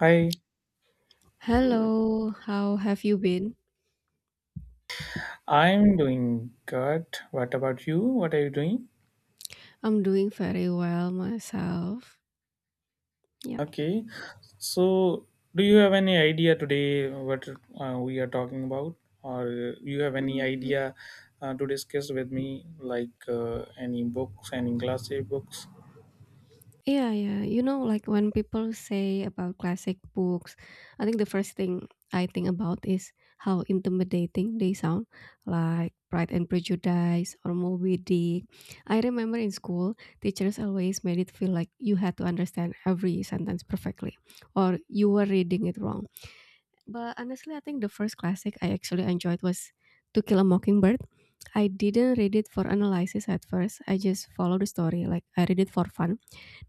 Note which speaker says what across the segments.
Speaker 1: Hi,
Speaker 2: Hello, how have you been?
Speaker 1: I'm doing good. What about you? What are you doing?
Speaker 2: I'm doing very well myself. Yeah.
Speaker 1: Okay. So, do you have any idea today what we are talking about, or you have any
Speaker 2: Mm,
Speaker 1: idea to discuss with me, like any books, any classic books?
Speaker 2: yeah, yeah. You know, like when people say about classic books, I think the first thing I think about is how intimidating they sound, like Pride and Prejudice or Moby Dick. I remember in school, teachers always made it feel like you had to understand every sentence perfectly, or you were reading it wrong. But honestly, I think the first classic I actually enjoyed was To Kill a Mockingbird. I didn't read it for analysis at first. I just followed the story. Like I read it for fun.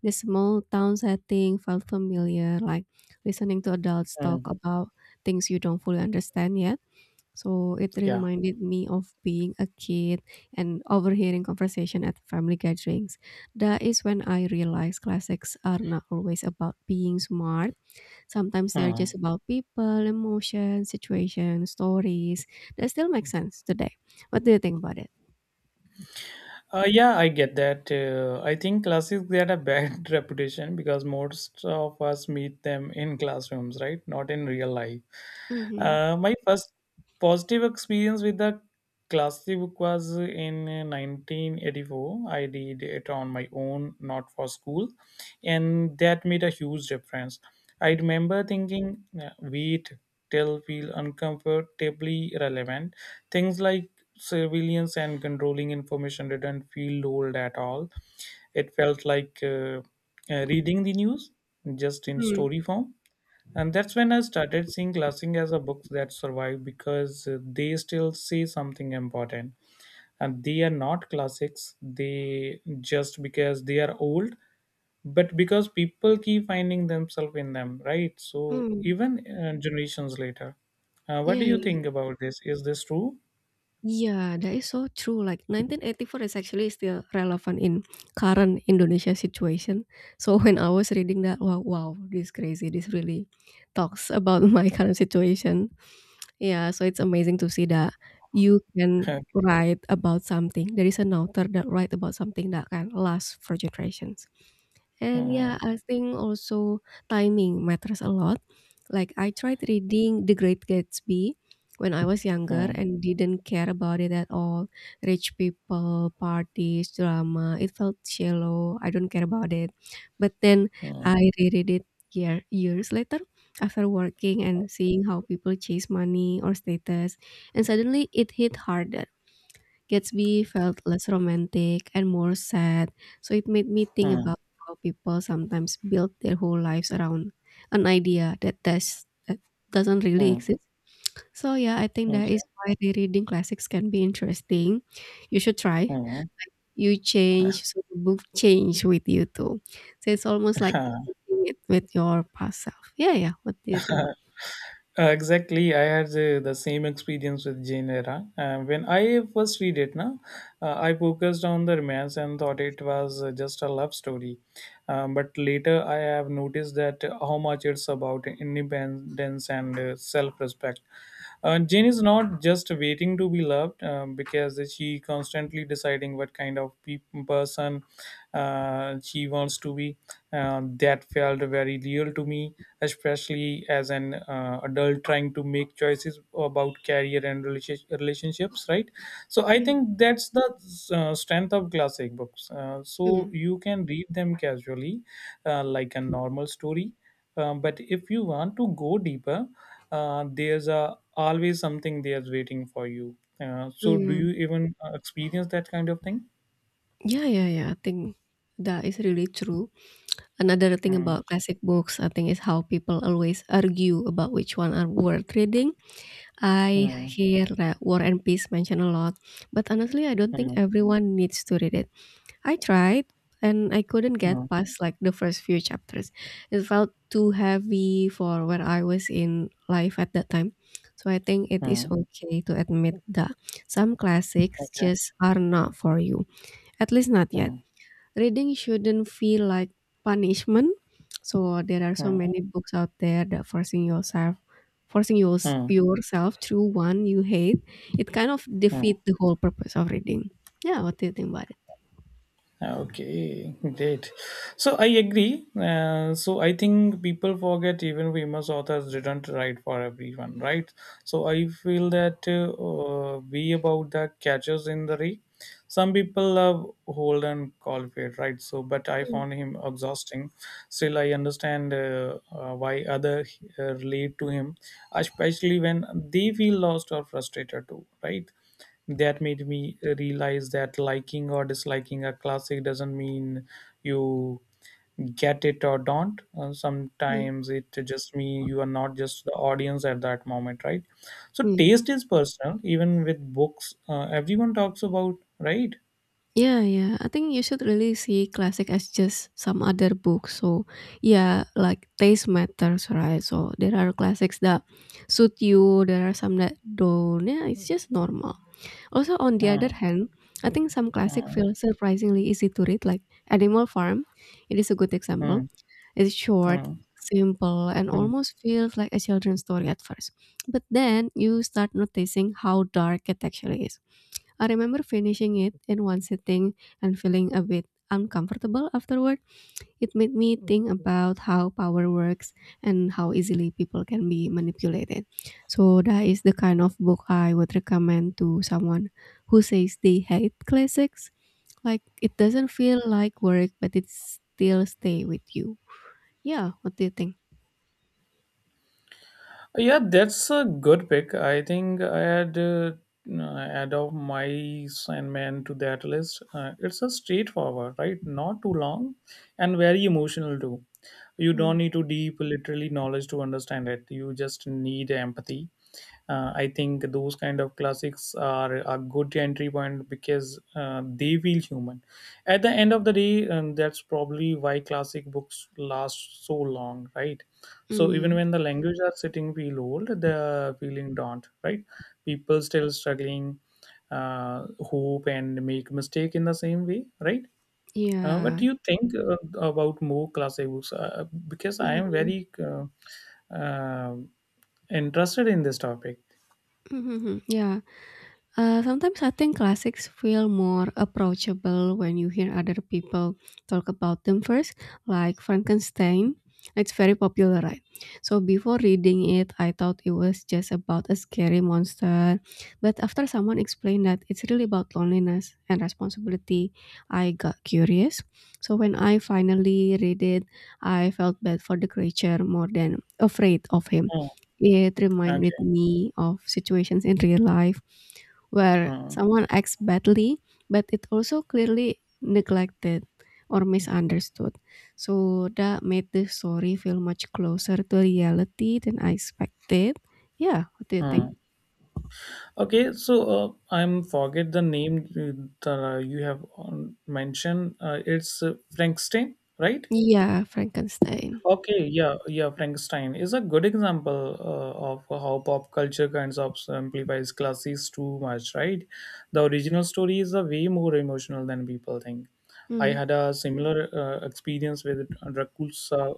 Speaker 2: The small town setting felt familiar, like listening to adults talk
Speaker 1: Hmm.
Speaker 2: about things you don't fully understand yet. So it
Speaker 1: Yeah.
Speaker 2: reminded me of being a kid and overhearing conversation at family gatherings. That is when I realized classics are not always about being smart. Sometimes they're
Speaker 1: Hmm.
Speaker 2: just about people, emotions, situations, stories that still make sense today. What do you think about it?
Speaker 1: Yeah, I get that. I think classes get a bad reputation because most of us meet them in classrooms, right? Not in real life.
Speaker 2: Mhm.
Speaker 1: My first positive experience with the classy book was in 1984. I did it on my own, not for school, and that made a huge difference. I remember thinking, wait still feel uncomfortably relevant. Things like surveillance and controlling information didn't feel old at all. It felt like reading the news just in
Speaker 2: Hmm.
Speaker 1: story form. And that's when I started seeing classic as a book that survived because they still say something important. And they are not classics, they just because they are old, but because people keep finding themselves in them, right? So
Speaker 2: Hmm.
Speaker 1: even generations later. What do you
Speaker 2: Yeah.
Speaker 1: think about this? Is this true?
Speaker 2: Yeah, that is so true. Like 1984 is actually still relevant in current Indonesia situation. So when I was reading that, wow, wow, this crazy. This really talks about my current situation. Yeah, so it's amazing to see that you can write about something. There is an author that write about something that can last for generations. And
Speaker 1: Hmm,
Speaker 2: yeah, I think also timing matters a lot. Like I tried reading The Great Gatsby when I was younger
Speaker 1: hmm,
Speaker 2: and didn't care about it at all. Rich people, parties, drama, it felt shallow. I don't care about it. But then
Speaker 1: hmm,
Speaker 2: I reread it years later after working and seeing how people chase money or status, and suddenly it hit harder. Gatsby felt less romantic and more sad, so it made me think
Speaker 1: hmm,
Speaker 2: about how people sometimes build their whole lives around an idea that doesn't really
Speaker 1: hmm.
Speaker 2: exist. So yeah, I think that
Speaker 1: Okay.
Speaker 2: is why rereading classics can be interesting. You should try.
Speaker 1: Hmm.
Speaker 2: You change, so the book change with you too. So it's almost like reading it with your past self. Yeah, yeah. What do you think about?
Speaker 1: Exactly, I had the same experience with Jane Eyre. When I first read it, na, I focused on the romance and thought it was just a love story. But later, I have noticed that how much it's about independence and self-respect. Jane is not just waiting to be loved because she constantly deciding what kind of person she wants to be, that felt very real to me, especially as an adult trying to make choices about career and relationships, right? So I
Speaker 2: Mm,
Speaker 1: think that's the strength of classic books. So
Speaker 2: mm,
Speaker 1: you can read them casually, like a normal story. But if you want to go deeper, there's always something there's waiting for you. So do
Speaker 2: mm.
Speaker 1: you even experience that kind of thing?
Speaker 2: Yeah, yeah, yeah. I think that is really true. Another thing
Speaker 1: Mm,
Speaker 2: about classic books, I think, is how people always argue about which one are worth reading. I
Speaker 1: mm,
Speaker 2: hear that War and Peace mentioned a lot, but honestly, I don't think
Speaker 1: mm,
Speaker 2: everyone needs to read it. I tried and I couldn't
Speaker 1: mm,
Speaker 2: get past like the first few chapters. It felt too heavy for where I was in life at that time. So I think it is
Speaker 1: mm.
Speaker 2: okay to admit that some classics
Speaker 1: Okay.
Speaker 2: just are not for you. At least not yet.
Speaker 1: Hmm,
Speaker 2: Reading shouldn't feel like punishment. So there are so
Speaker 1: hmm,
Speaker 2: many books out there that forcing yourself forcing yours,
Speaker 1: hmm,
Speaker 2: yourself through one you hate, it kind of
Speaker 1: hmm.
Speaker 2: defeat the whole purpose of reading. Yeah, what do you think about it?
Speaker 1: Ah, okay, great. So I agree. So I think people forget even famous authors didn't write for everyone, right? So I feel that we about the catchers in the rye. Some people love Holden Caulfield, right? So, but I
Speaker 2: Mm,
Speaker 1: found him exhausting. Still, I understand why other relate to him, especially when they feel lost or frustrated too, right? That made me realize that liking or disliking a classic doesn't mean you get it or don't.
Speaker 2: mm,
Speaker 1: Sometimes it just means you are not just the audience at that moment, right? So
Speaker 2: mm.
Speaker 1: taste is personal even with books everyone talks about, right.
Speaker 2: Yeah, yeah. I think you should really see classic as just some other book. So, yeah, like taste matters, right? So there are classics that suit you. There are some that don't. Yeah, it's just normal. Also, on the other
Speaker 1: uh,
Speaker 2: hand, I think some classic
Speaker 1: uh,
Speaker 2: feel surprisingly easy to read, like Animal Farm. It is a good example.
Speaker 1: mm,
Speaker 2: It's short,
Speaker 1: mm,
Speaker 2: simple, and
Speaker 1: mm.
Speaker 2: almost feels like a children's story at first. But then you start noticing how dark it actually is. I remember finishing it in one sitting and feeling a bit uncomfortable afterward. It made me think about how power works and how easily people can be manipulated. So, that is the kind of book I would recommend to someone who says they hate classics. Like, it doesn't feel like work, but it still stay with you. Yeah, what do you think?
Speaker 1: Yeah, that's a good pick. I think I had add of my Sandman to that list. It's a straightforward, right? Not too long, and very emotional too. You don't
Speaker 2: Mm,
Speaker 1: need to deep literally knowledge to understand it. You just need empathy. I think those kind of classics are a good entry point because they feel human. At the end of the day, and that's probably why classic books last so long, right? So even
Speaker 2: mm,
Speaker 1: when the language are sitting feel old, the feeling don't, right. People still struggling, hope and make mistake in the same way, right? What
Speaker 2: yeah.
Speaker 1: do you think about more classic books? Because I
Speaker 2: Mm,
Speaker 1: am
Speaker 2: mm,
Speaker 1: very uh, interested in this topic.
Speaker 2: yeah. Sometimes I think classics feel more approachable when you hear other people talk about them first, like Frankenstein. It's very popular, right? So before reading it, I thought it was just about a scary monster. But after someone explained that it's really about loneliness and responsibility, I got curious. So when I finally read it, I felt bad for the creature more than afraid of him.
Speaker 1: Hmm,
Speaker 2: It
Speaker 1: okay.
Speaker 2: reminded me of situations in real life where
Speaker 1: Hmm,
Speaker 2: someone acts badly, but it also clearly neglected or misunderstood. So that made the story feel much closer to reality than I expected. Yeah, what do you
Speaker 1: hmm.
Speaker 2: think?
Speaker 1: Okay. So I'm forget the name that you have mentioned. It's Frankenstein, right?
Speaker 2: Yeah, Frankenstein.
Speaker 1: Okay, yeah, yeah. Frankenstein is a good example of how pop culture kinds of simplifies classics too much, right? The original story is a way more emotional than people think. I
Speaker 2: Hmm.
Speaker 1: had a similar experience with Dracula.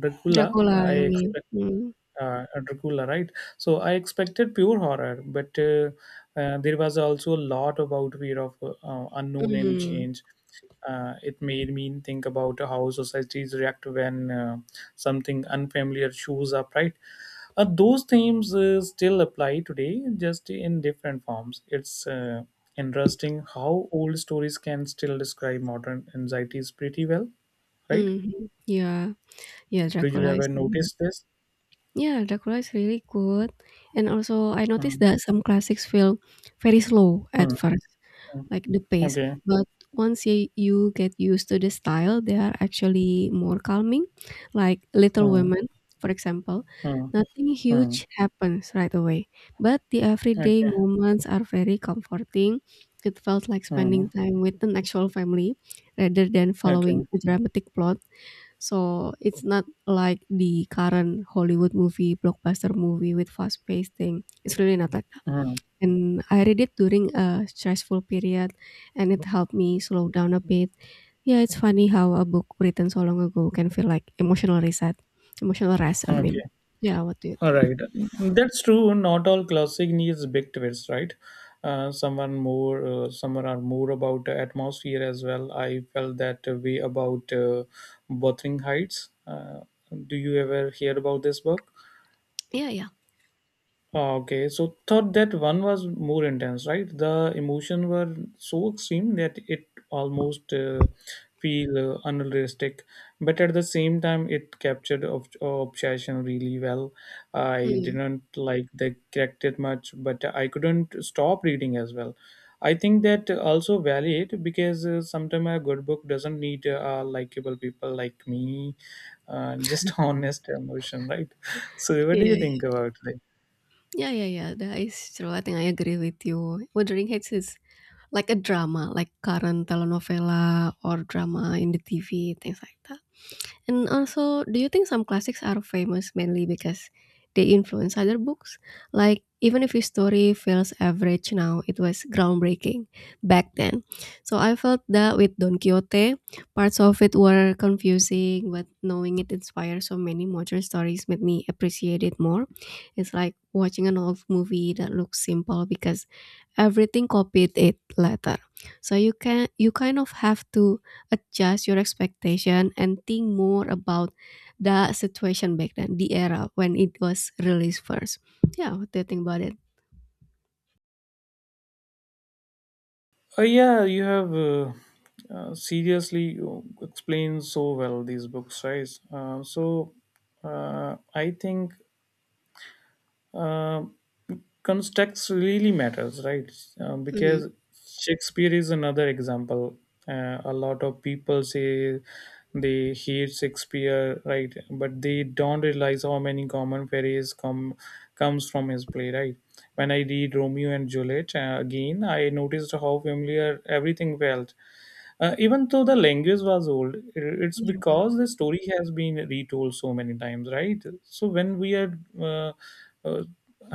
Speaker 1: Dracula.
Speaker 2: Dracula,
Speaker 1: I
Speaker 2: you mean?
Speaker 1: expect
Speaker 2: Hmm.
Speaker 1: Dracula, right? So I expected pure horror, but there was also a lot about fear of unknown and
Speaker 2: Mm.
Speaker 1: change. It made me think about how societies react when something unfamiliar shows up, right? Those themes still apply today, just in different forms. It's interesting how old stories can still describe modern anxieties pretty well, right?
Speaker 2: Mm. Mhm. Yeah, yeah,
Speaker 1: Did you
Speaker 2: Dracula
Speaker 1: ever
Speaker 2: is really-
Speaker 1: notice this?
Speaker 2: yeah, Dracula is really good. And also, I
Speaker 1: Hmm.
Speaker 2: noticed that some classics feel very slow at
Speaker 1: Hmm.
Speaker 2: first,
Speaker 1: Hmm.
Speaker 2: like the pace.
Speaker 1: Okay.
Speaker 2: But once you get used to the style, they are actually more calming. Like Little
Speaker 1: Mm,
Speaker 2: Women, for example,
Speaker 1: mm,
Speaker 2: nothing
Speaker 1: mm.
Speaker 2: huge happens right away, but the everyday
Speaker 1: Okay.
Speaker 2: moments are very comforting. It felt like
Speaker 1: Mm,
Speaker 2: spending time with an actual family rather than
Speaker 1: okay.
Speaker 2: following a dramatic plot. So it's not like the current Hollywood movie, blockbuster movie with fast paced thing. It's really not like.
Speaker 1: Mm,
Speaker 2: And I read it during a stressful period, and it helped me slow down a bit. Yeah, it's funny how a book written so long ago can feel like emotional rest, I
Speaker 1: okay.
Speaker 2: mean. Yeah, what do you
Speaker 1: All
Speaker 2: think?
Speaker 1: right. That's true. Not all classic needs big twists, right? Someone are more about the atmosphere as well. I felt that way about Wuthering Heights. Do you ever hear about this book?
Speaker 2: Yeah, yeah.
Speaker 1: Oh, okay, so thought that one was more intense, right? The emotion were so extreme that it almost feel unrealistic, but at the same time, it captured obsession really well. I
Speaker 2: Mm.
Speaker 1: didn't like the character much, but I couldn't stop reading as well. I think that also valid because sometimes a good book doesn't need likable people like me, just honest emotion, right? So, what do you think
Speaker 2: Yeah,
Speaker 1: about it?
Speaker 2: yeah, yeah, yeah. That is true. I think I agree with you. Wuthering Heights is like a drama, like current telenovela or drama in the TV, things like that. And also, do you think some classics are famous mainly because they influence other books? Like, even if a story feels average now, it was groundbreaking back then. So I felt that with Don Quixote, parts of it were confusing, but knowing it inspired so many modern stories made me appreciate it more. It's like watching an old movie that looks simple because everything copied it later. So you kind of have to adjust your expectation and think more about the situation back then, the era when it was released first. Yeah, what do you think about it?
Speaker 1: Yeah, you have seriously explained so well these books, right? So I think uh, context really matters, right?
Speaker 2: Mhm.
Speaker 1: Because Shakespeare is another example. A lot of people say they hate Shakespeare, right? But they don't realize how many common phrase comes from his play, right? When I read Romeo and Juliet again, I noticed how familiar everything felt. Even though the language was old, it's
Speaker 2: Yeah.
Speaker 1: because the story has been retold so many times, right? So when we are uh,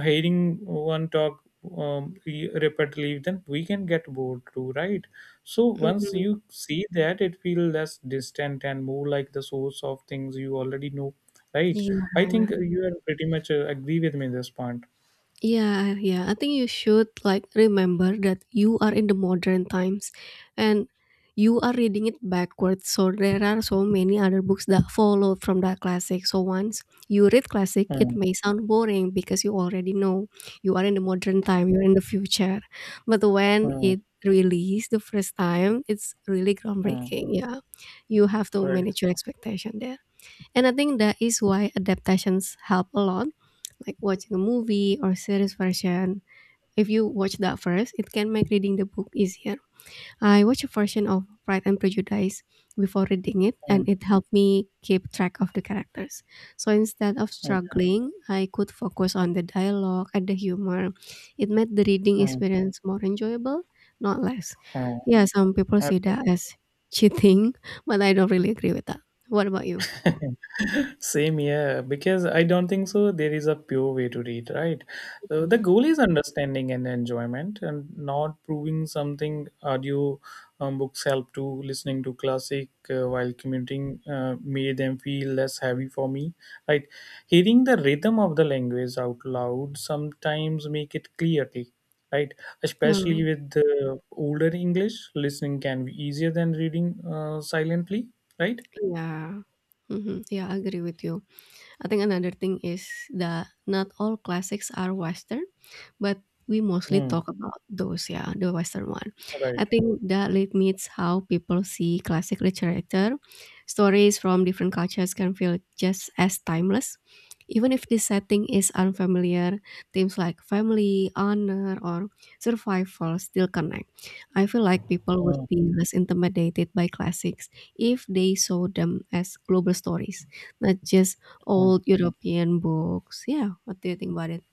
Speaker 1: hearing one talk repeatedly, then we can get bored too, right? So once
Speaker 2: Mhm.
Speaker 1: you see that, it feels less distant and more like the source of things you already know, right? I
Speaker 2: Yeah.
Speaker 1: think you are pretty much agree with me this point.
Speaker 2: Yeah, yeah. I think you should like remember that you are in the modern times and you are reading it backwards. So there are so many other books that follow from that classic. So once you read classic, it
Speaker 1: Mm,
Speaker 2: may sound boring because you already know you are in the modern time, you're in the future. But when
Speaker 1: mm,
Speaker 2: it released the first time, it's really
Speaker 1: mm,
Speaker 2: groundbreaking. Yeah. You have to
Speaker 1: right.
Speaker 2: manage your expectation there. And I think that is why adaptations help a lot, like watching a movie or series version. If you watch that first, it can make reading the book easier. I watched a version of Pride and Prejudice before reading it,
Speaker 1: Mm,
Speaker 2: and it helped me keep track of the characters. So instead of
Speaker 1: okay.
Speaker 2: struggling, I could focus on the dialogue and the humor. It made the reading
Speaker 1: Mm,
Speaker 2: experience more enjoyable, not less. Yeah, some people
Speaker 1: mm.
Speaker 2: see that as cheating, but I don't really agree with that. What about you?
Speaker 1: Same here, because I don't think so. There is a pure way to read, right? So the
Speaker 2: Mhm.
Speaker 1: goal is understanding and enjoyment, and not proving something. Audio books help to listening to classic while commuting made them feel less heavy for me. Right, hearing the rhythm of the language out loud sometimes make it clearly. Right, especially
Speaker 2: Hmm,
Speaker 1: with the older English, listening can be easier than reading silently. Right.
Speaker 2: yeah. Mhm. Yeah, I agree with you. I think another thing is that not all classics are Western, but we mostly
Speaker 1: Hmm.
Speaker 2: talk about those, yeah, the Western one.
Speaker 1: Right.
Speaker 2: I think that limits how people see classic literature. Stories from different cultures can feel just as timeless. Even if the setting is unfamiliar, themes like family, honor, or survival still connect. I feel like people would
Speaker 1: Mm,
Speaker 2: be less intimidated by classics if they saw them as global stories, not just
Speaker 1: mm.
Speaker 2: old European books. Yeah, what do you think about it?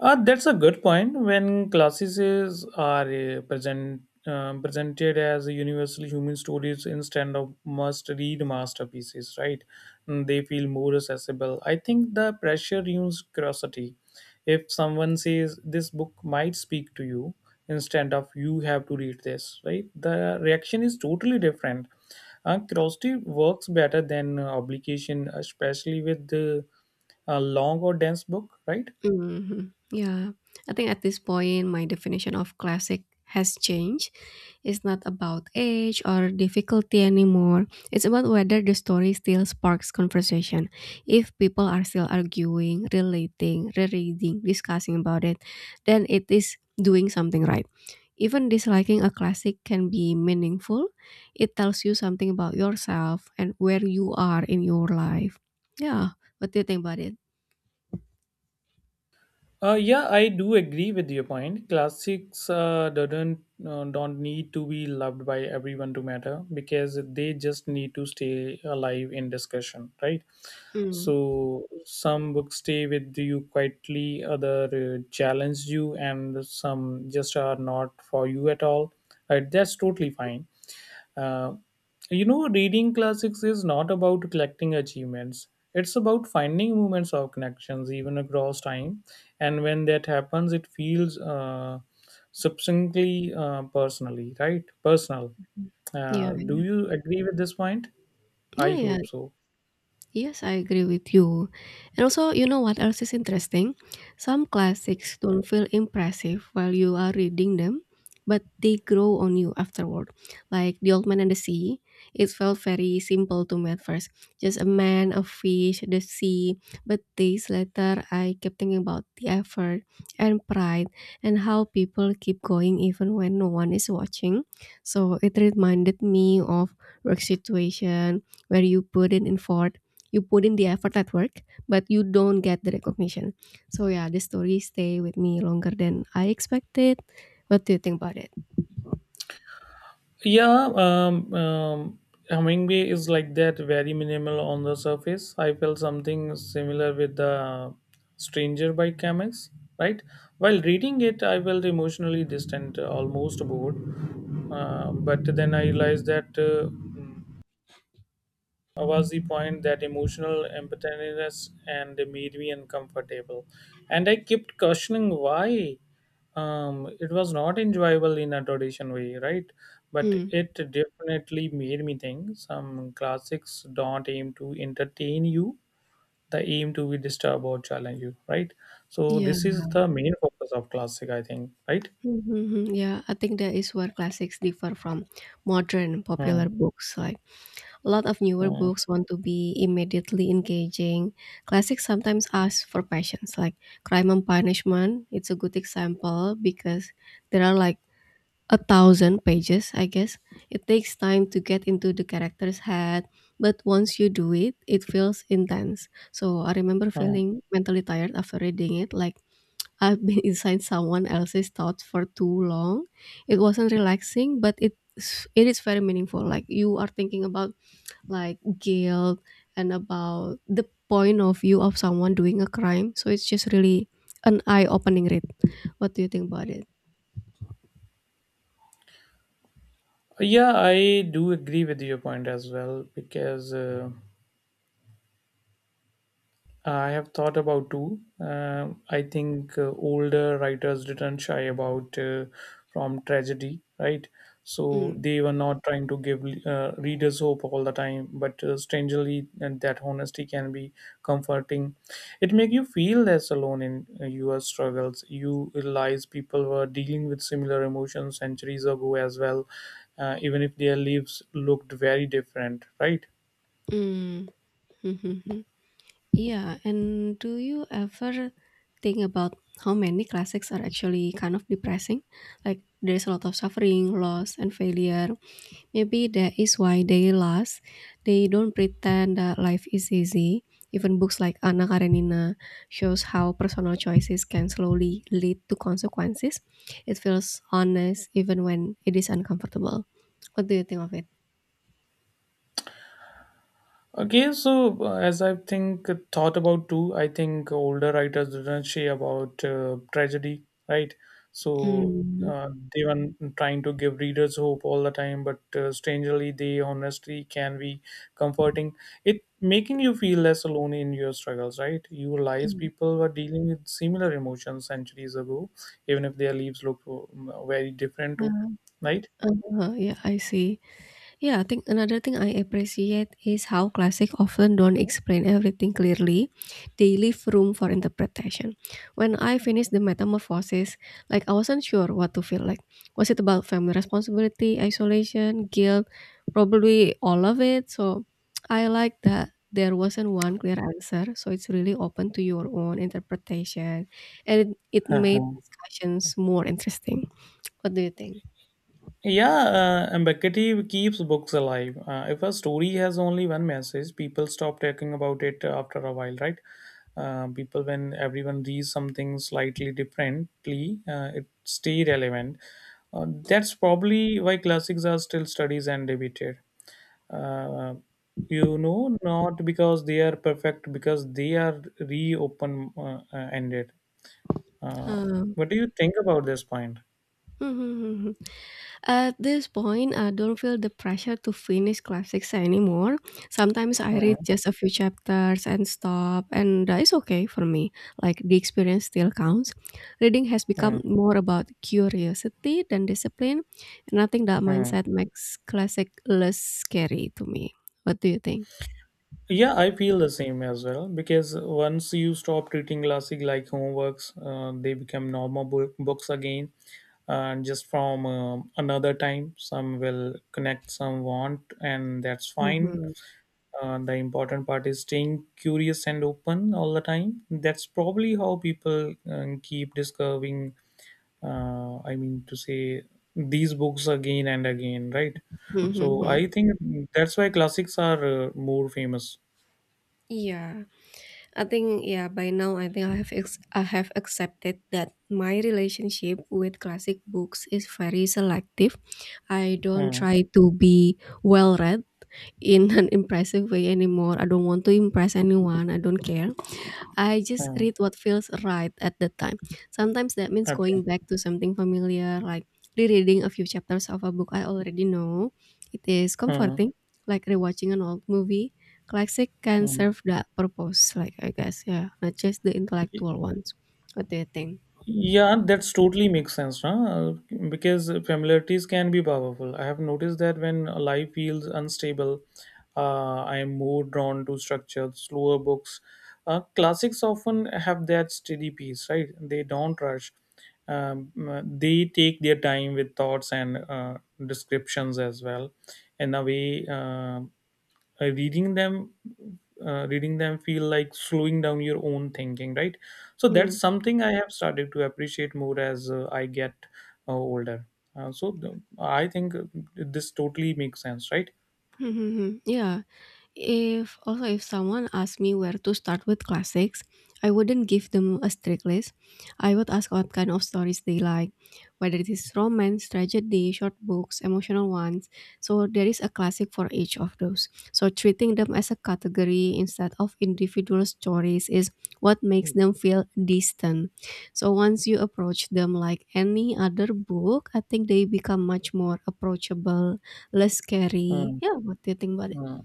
Speaker 1: That's a good point. When classes are presented as universally human stories instead of must-read masterpieces, right? Mm, they feel more accessible. I think the pressure ruins curiosity. If someone says this book might speak to you, instead of you have to read this, right? The reaction is totally different. Curiosity works better than obligation, especially with the long or dense book, right?
Speaker 2: Mhm. Yeah. I think at this point, my definition of classic has changed. It's not about age or difficulty anymore. It's about whether the story still sparks conversation. If people are still arguing, relating, rereading, discussing about it, then it is doing something right. Even disliking a classic can be meaningful. It tells you something about yourself and where you are in your life. Yeah. What do you think about it?
Speaker 1: Yeah, I do agree with your point. Classics doesn't don't need to be loved by everyone to matter because they just need to stay alive in discussion, right?
Speaker 2: Hmm.
Speaker 1: So some books stay with you quietly, other challenge you, and some just are not for you at all. Right? That's totally fine. Uh, you know, reading classics is not about collecting achievements. It's about finding moments of connections, even across time. And when that happens, it feels substantially personally, right? Personal.
Speaker 2: Yeah.
Speaker 1: Do you agree with this point? I
Speaker 2: Yeah, yeah.
Speaker 1: hope so.
Speaker 2: Yes, I agree with you. And also, you know what else is interesting? Some classics don't feel impressive while you are reading them, but they grow on you afterward. Like The Old Man and the Sea, it felt very simple to me at first. Just a man, a fish, the sea. But days later, I kept thinking about the effort and pride and how people keep going even when no one is watching. So it reminded me of work situation where you put in the effort at work but you don't get the recognition. So yeah, this story stay with me longer than I expected. What do you think about it?
Speaker 1: Yeah, um, um, Hummingbee is like that, very minimal on the surface. I felt something similar with the Stranger by Chemex, right? While reading it, I felt emotionally distant, almost bored. But then I realized that was the point, that emotional empathiness and made me uncomfortable, and I kept questioning why it was not enjoyable in a traditional way, right? But
Speaker 2: Hmm.
Speaker 1: it definitely made me think some classics don't aim to entertain you, they aim to be disturb or challenge you, right? So
Speaker 2: Yeah.
Speaker 1: this is the main focus of classic I think, right?
Speaker 2: Mhm, yeah, I think that is where classics differ from modern
Speaker 1: Hmm,
Speaker 2: popular books. Like a lot of newer
Speaker 1: hmm,
Speaker 2: books want to be immediately engaging. Classics sometimes ask for patience, like Crime and Punishment. It's a good example because there are, like, 1,000 pages, I guess. It takes time to get into the character's head, but once you do it, it feels intense. So I remember
Speaker 1: hmm.
Speaker 2: feeling mentally tired after reading it, like I've been inside someone else's thoughts for too long. It wasn't relaxing, but it is very meaningful. Like you are thinking about, like, guilt and about the point of view of someone doing a crime. So it's just really an eye-opening read. What do you think about it?
Speaker 1: Yeah, I do agree with your point as well because I have thought about too. I think older writers didn't shy about from tragedy, right? So
Speaker 2: Mm.
Speaker 1: they were not trying to give readers hope all the time, but strangely, and that honesty can be comforting. It make you feel less alone in your struggles. You realize people were dealing with similar emotions centuries ago as well, even if their lives looked very different, right?
Speaker 2: Mm. Yeah, and do you ever think about how many classics are actually kind of depressing? Like there's a lot of suffering, loss, and failure. Maybe that is why they last. They don't pretend that life is easy. Even books like Anna Karenina shows how personal choices can slowly lead to consequences. It feels honest even when it is uncomfortable. What do you think of it?
Speaker 1: Okay, so as I think thought about too, I think older writers didn't say about tragedy, right? So
Speaker 2: Mm.
Speaker 1: they were trying to give readers hope all the time, but strangely, they honestly can be comforting. It making you feel less alone in your struggles, right? You realize
Speaker 2: Mm.
Speaker 1: people were dealing with similar emotions centuries ago, even if their lives look very different too,
Speaker 2: Uh,
Speaker 1: right?
Speaker 2: yeah, I see. Yeah, I think another thing I appreciate is how classic often don't explain everything clearly. They leave room for interpretation. When I finished The Metamorphosis, like I wasn't sure what to feel, like was it about family responsibility, isolation, guilt? Probably all of it. So I like that there wasn't one clear answer. So it's really open to your own interpretation. And it made discussions more interesting. What do you think?
Speaker 1: Yeah, ambiguity keeps books alive. If a story has only one message, people stop talking about it after a while, right? When everyone reads something slightly differently, it stay relevant. That's probably why classics are still studied and debated. Uh, Not because they are perfect, because they are reopen ended. Uh,
Speaker 2: Hmm.
Speaker 1: what do you think about this point?
Speaker 2: Mhm. At this point, I don't feel the pressure to finish classics anymore. Sometimes I read
Speaker 1: Hmm,
Speaker 2: just a few chapters and stop, and that is okay for me. Like the experience still counts. Reading has become
Speaker 1: hmm,
Speaker 2: more about curiosity than discipline, and I think that
Speaker 1: hmm.
Speaker 2: mindset makes classic less scary to me. What do you think?
Speaker 1: Yeah, I feel the same as well because once you stop treating classic like homeworks, they become normal books again. And just from another time, some will connect, some won't, and that's fine.
Speaker 2: Mhm.
Speaker 1: The important part is staying curious and open all the time. That's probably how people keep discovering, I mean, to say these books again and again, right? So
Speaker 2: Mhm.
Speaker 1: I think that's why classics are more famous.
Speaker 2: Yeah. I think, yeah, by now I think I have accepted that my relationship with classic books is very selective. I don't
Speaker 1: Hmm.
Speaker 2: try to be well read in an impressive way anymore. I don't want to impress anyone. I don't care. I just
Speaker 1: Mm,
Speaker 2: read what feels right at the time. Sometimes that means
Speaker 1: okay.
Speaker 2: going back to something familiar, like rereading a few chapters of a book I already know. It is
Speaker 1: Mm,
Speaker 2: comforting, like rewatching an old movie. Classic can
Speaker 1: mm.
Speaker 2: serve that purpose, like I guess, yeah, not just the intellectual ones. What do you think?
Speaker 1: Yeah, that's totally makes sense, huh? Because familiarities can be powerful. I have noticed that when life feels unstable, I am more drawn to structured, slower books. Classics often have that steady pace, right? They don't rush. They take their time with thoughts and descriptions as well. In a way, uh, reading them reading them feel like slowing down your own thinking, right? So that's
Speaker 2: Mm.
Speaker 1: something I have started to appreciate more as I get older. I think this totally makes sense, right?
Speaker 2: Hmm, hmm, hmm. Yeah. If also if someone asked me where to start with classics, I wouldn't give them a strict list. I would ask what kind of stories they like, whether it is romance, tragedy, short books, emotional ones. So there is a classic for each of those. So treating them as a category instead of individual stories is what makes them feel distant. So once you approach them like any other book, I think they become much more approachable, less scary.
Speaker 1: Hmm,
Speaker 2: Yeah, what do you think about it?
Speaker 1: hmm.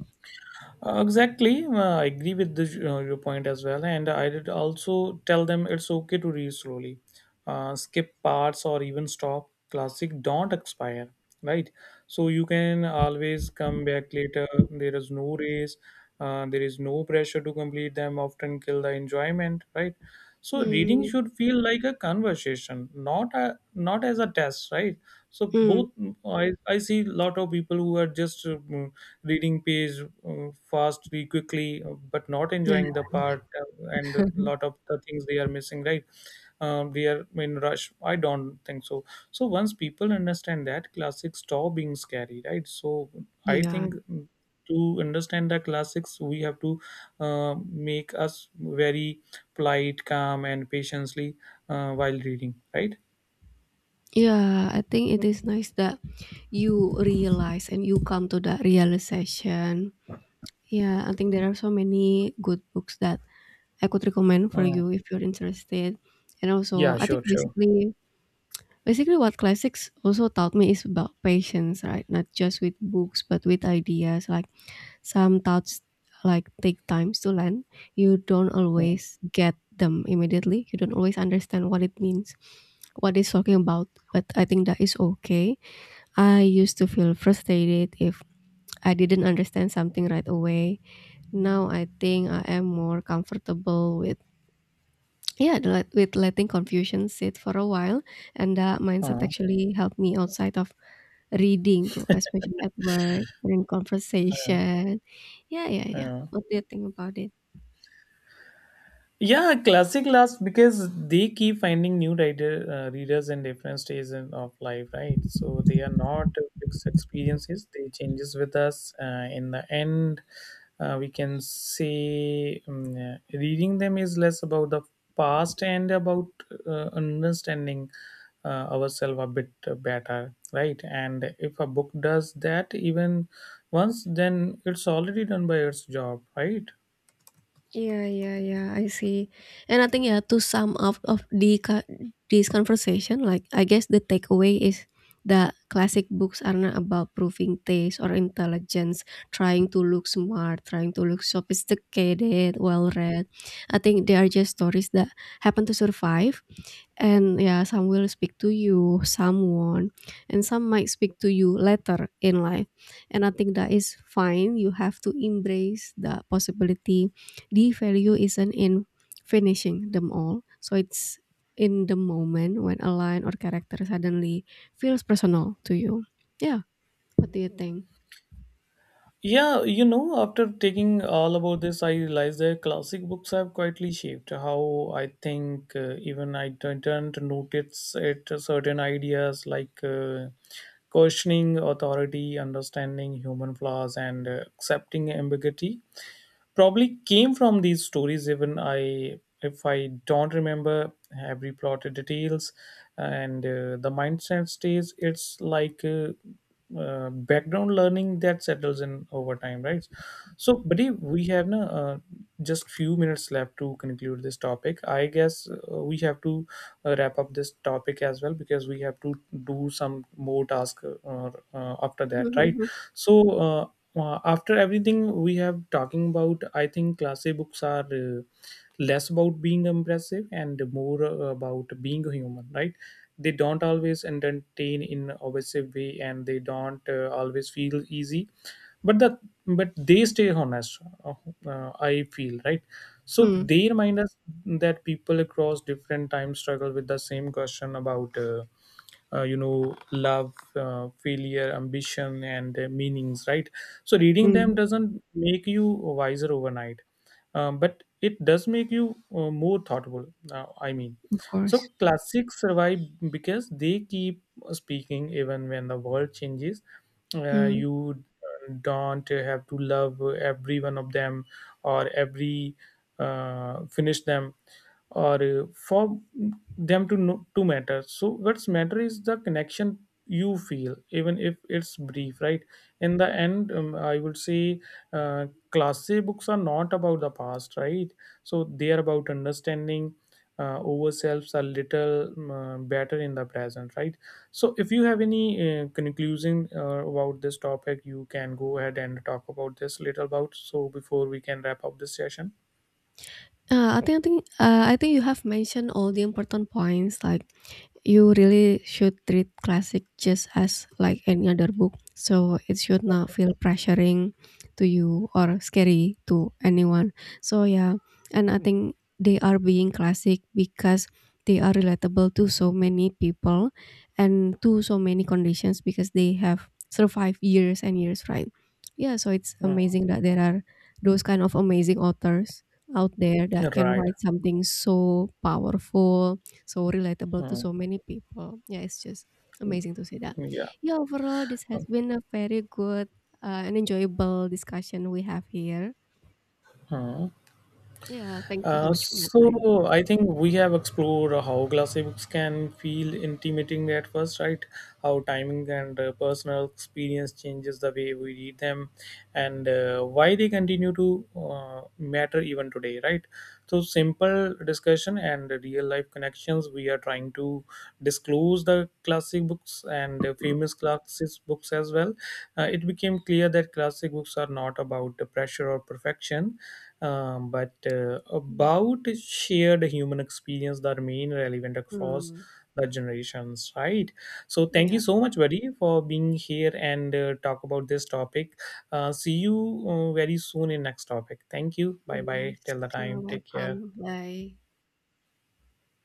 Speaker 1: Exactly, I agree with your point as well, and I did also tell them it's okay to read slowly, skip parts or even stop. Classic don't expire, right? So you can always come back later. There is no race, there is no pressure to complete them. Often kill the enjoyment, right? So reading
Speaker 2: Hmm.
Speaker 1: should feel like a conversation, not as a test, right? So
Speaker 2: Mm,
Speaker 1: both I see lot of people who are just reading page fast really quickly but not
Speaker 2: yeah,
Speaker 1: enjoying the part, and a lot of the things they are missing, right? They are in rush, I don't think so. So once people understand that classics stop being scary, right? So I
Speaker 2: yeah.
Speaker 1: think to understand the classics we have to make us very polite, calm and patiently while reading, right?
Speaker 2: Yeah, I think it is nice that you realize and you come to that realization. Yeah, I think there are so many good books that I could recommend for
Speaker 1: Mm.
Speaker 2: you if you're interested. And also,
Speaker 1: Yeah,
Speaker 2: I think
Speaker 1: sure, sure.
Speaker 2: basically what classics also taught me is about patience, right? Not just with books, but with ideas, like some thoughts, like take times to land. You don't
Speaker 1: Mm.
Speaker 2: always get them immediately. You don't always understand what it means, what it's talking about. But I think that is okay. I used to feel frustrated if I didn't understand something right away. Now I think I am more comfortable with, yeah, with letting confusion sit for a while, and that mindset
Speaker 1: Mm.
Speaker 2: actually helped me outside of reading too, especially at work and in conversation. Yeah, yeah, yeah,
Speaker 1: Yeah.
Speaker 2: what do you think about it?
Speaker 1: Yeah, classic laughs because they keep finding new writer, readers in different stages of life, right? So they are not fixed experiences; they changes with us. In the end, we can say reading them is less about the past and about understanding uh, ourselves a bit better, right? And if a book does that even once, then it's already done by its job, right?
Speaker 2: Yeah, yeah, yeah. I see. And I think, yeah, to sum up of this conversation, like I guess the takeaway is that classic books are not about proving taste or intelligence, trying to look smart, trying to look sophisticated, well read. I think they are just stories that happen to survive, and, yeah, some will speak to you, some won't, and some might speak to you later in life. And I think that is fine. You have to embrace the possibility. The value isn't in finishing them all. So it's in the moment when a line or character suddenly feels personal to you. Yeah. What do you think?
Speaker 1: Yeah, you know, after taking all about this, I realized that classic books have quietly shaped how I think. Even I didn't notice it. Certain ideas like questioning authority, understanding human flaws, and accepting ambiguity probably came from these stories, even I if I don't remember every plotted details, and the mindset stays. It's like background learning that settles in over time, right? So buddy, we have na, just few minutes left to conclude this topic, I guess. We have to wrap up this topic as well because we have to do some more task, after that, right? So uh, after everything we have talking about, I think classic books are less about being impressive and more about being human, right? They don't always entertain in obsessive way, and they don't always feel easy, but the but they stay honest, I feel, right? So
Speaker 2: Mhm, mhm, mhm.
Speaker 1: they remind us that people across different times struggle with the same question about you know, love, failure, ambition and meanings, right? So reading
Speaker 2: Mm,
Speaker 1: them
Speaker 2: mm.
Speaker 1: doesn't make you wiser overnight, but it does make you more thoughtful, uh, i mean
Speaker 2: Of
Speaker 1: so
Speaker 2: course.
Speaker 1: classics survive because they keep speaking even when the world changes.
Speaker 2: Mm.
Speaker 1: You don't have to love every one of them or every finish them or for them to know, to matter. So what's matter is the connection you feel, even if it's brief, right? In the end, I would say classic books are not about the past, right? So they are about understanding over selves are little better in the present, right? So if you have any conclusion about this topic, you can go ahead and talk about this little about, so before we can wrap up this session.
Speaker 2: I think you have mentioned all the important points, like you really should treat classic just as like any other book, so it should not feel pressuring to you or scary to anyone. So, yeah, and I think they are being classic because they are relatable to so many people and to so many conditions because they have survived years and years, right? Yeah, so it's
Speaker 1: Mm.
Speaker 2: amazing that there are those kind of amazing authors out there that can
Speaker 1: Right.
Speaker 2: write something so powerful, so relatable to
Speaker 1: Mm.
Speaker 2: so many people. Yeah, it's just amazing to see that.
Speaker 1: Yeah.
Speaker 2: Yeah, overall, this has
Speaker 1: Um,
Speaker 2: been a very good and enjoyable discussion we have here.
Speaker 1: Mm.
Speaker 2: Yeah, thank you so much for your time.
Speaker 1: So I think we have explored how glossy books can feel intimidating at first, right? How timing and personal experience changes the way we read them, and why they continue to matter even today, right? So simple discussion and real life connections. We are trying to disclose the classic books and the famous classic books as well. It became clear that classic books are not about the pressure or perfection, but
Speaker 2: Mm.
Speaker 1: about shared human experience that remain relevant across
Speaker 2: Mm.
Speaker 1: the generations, right? So thank you
Speaker 2: Yeah,
Speaker 1: so much, buddy, for being here and talk about this topic. See you very soon in next topic. Thank you, bye bye,
Speaker 2: yes,
Speaker 1: till the
Speaker 2: you are
Speaker 1: time, take care.
Speaker 2: welcome. Bye.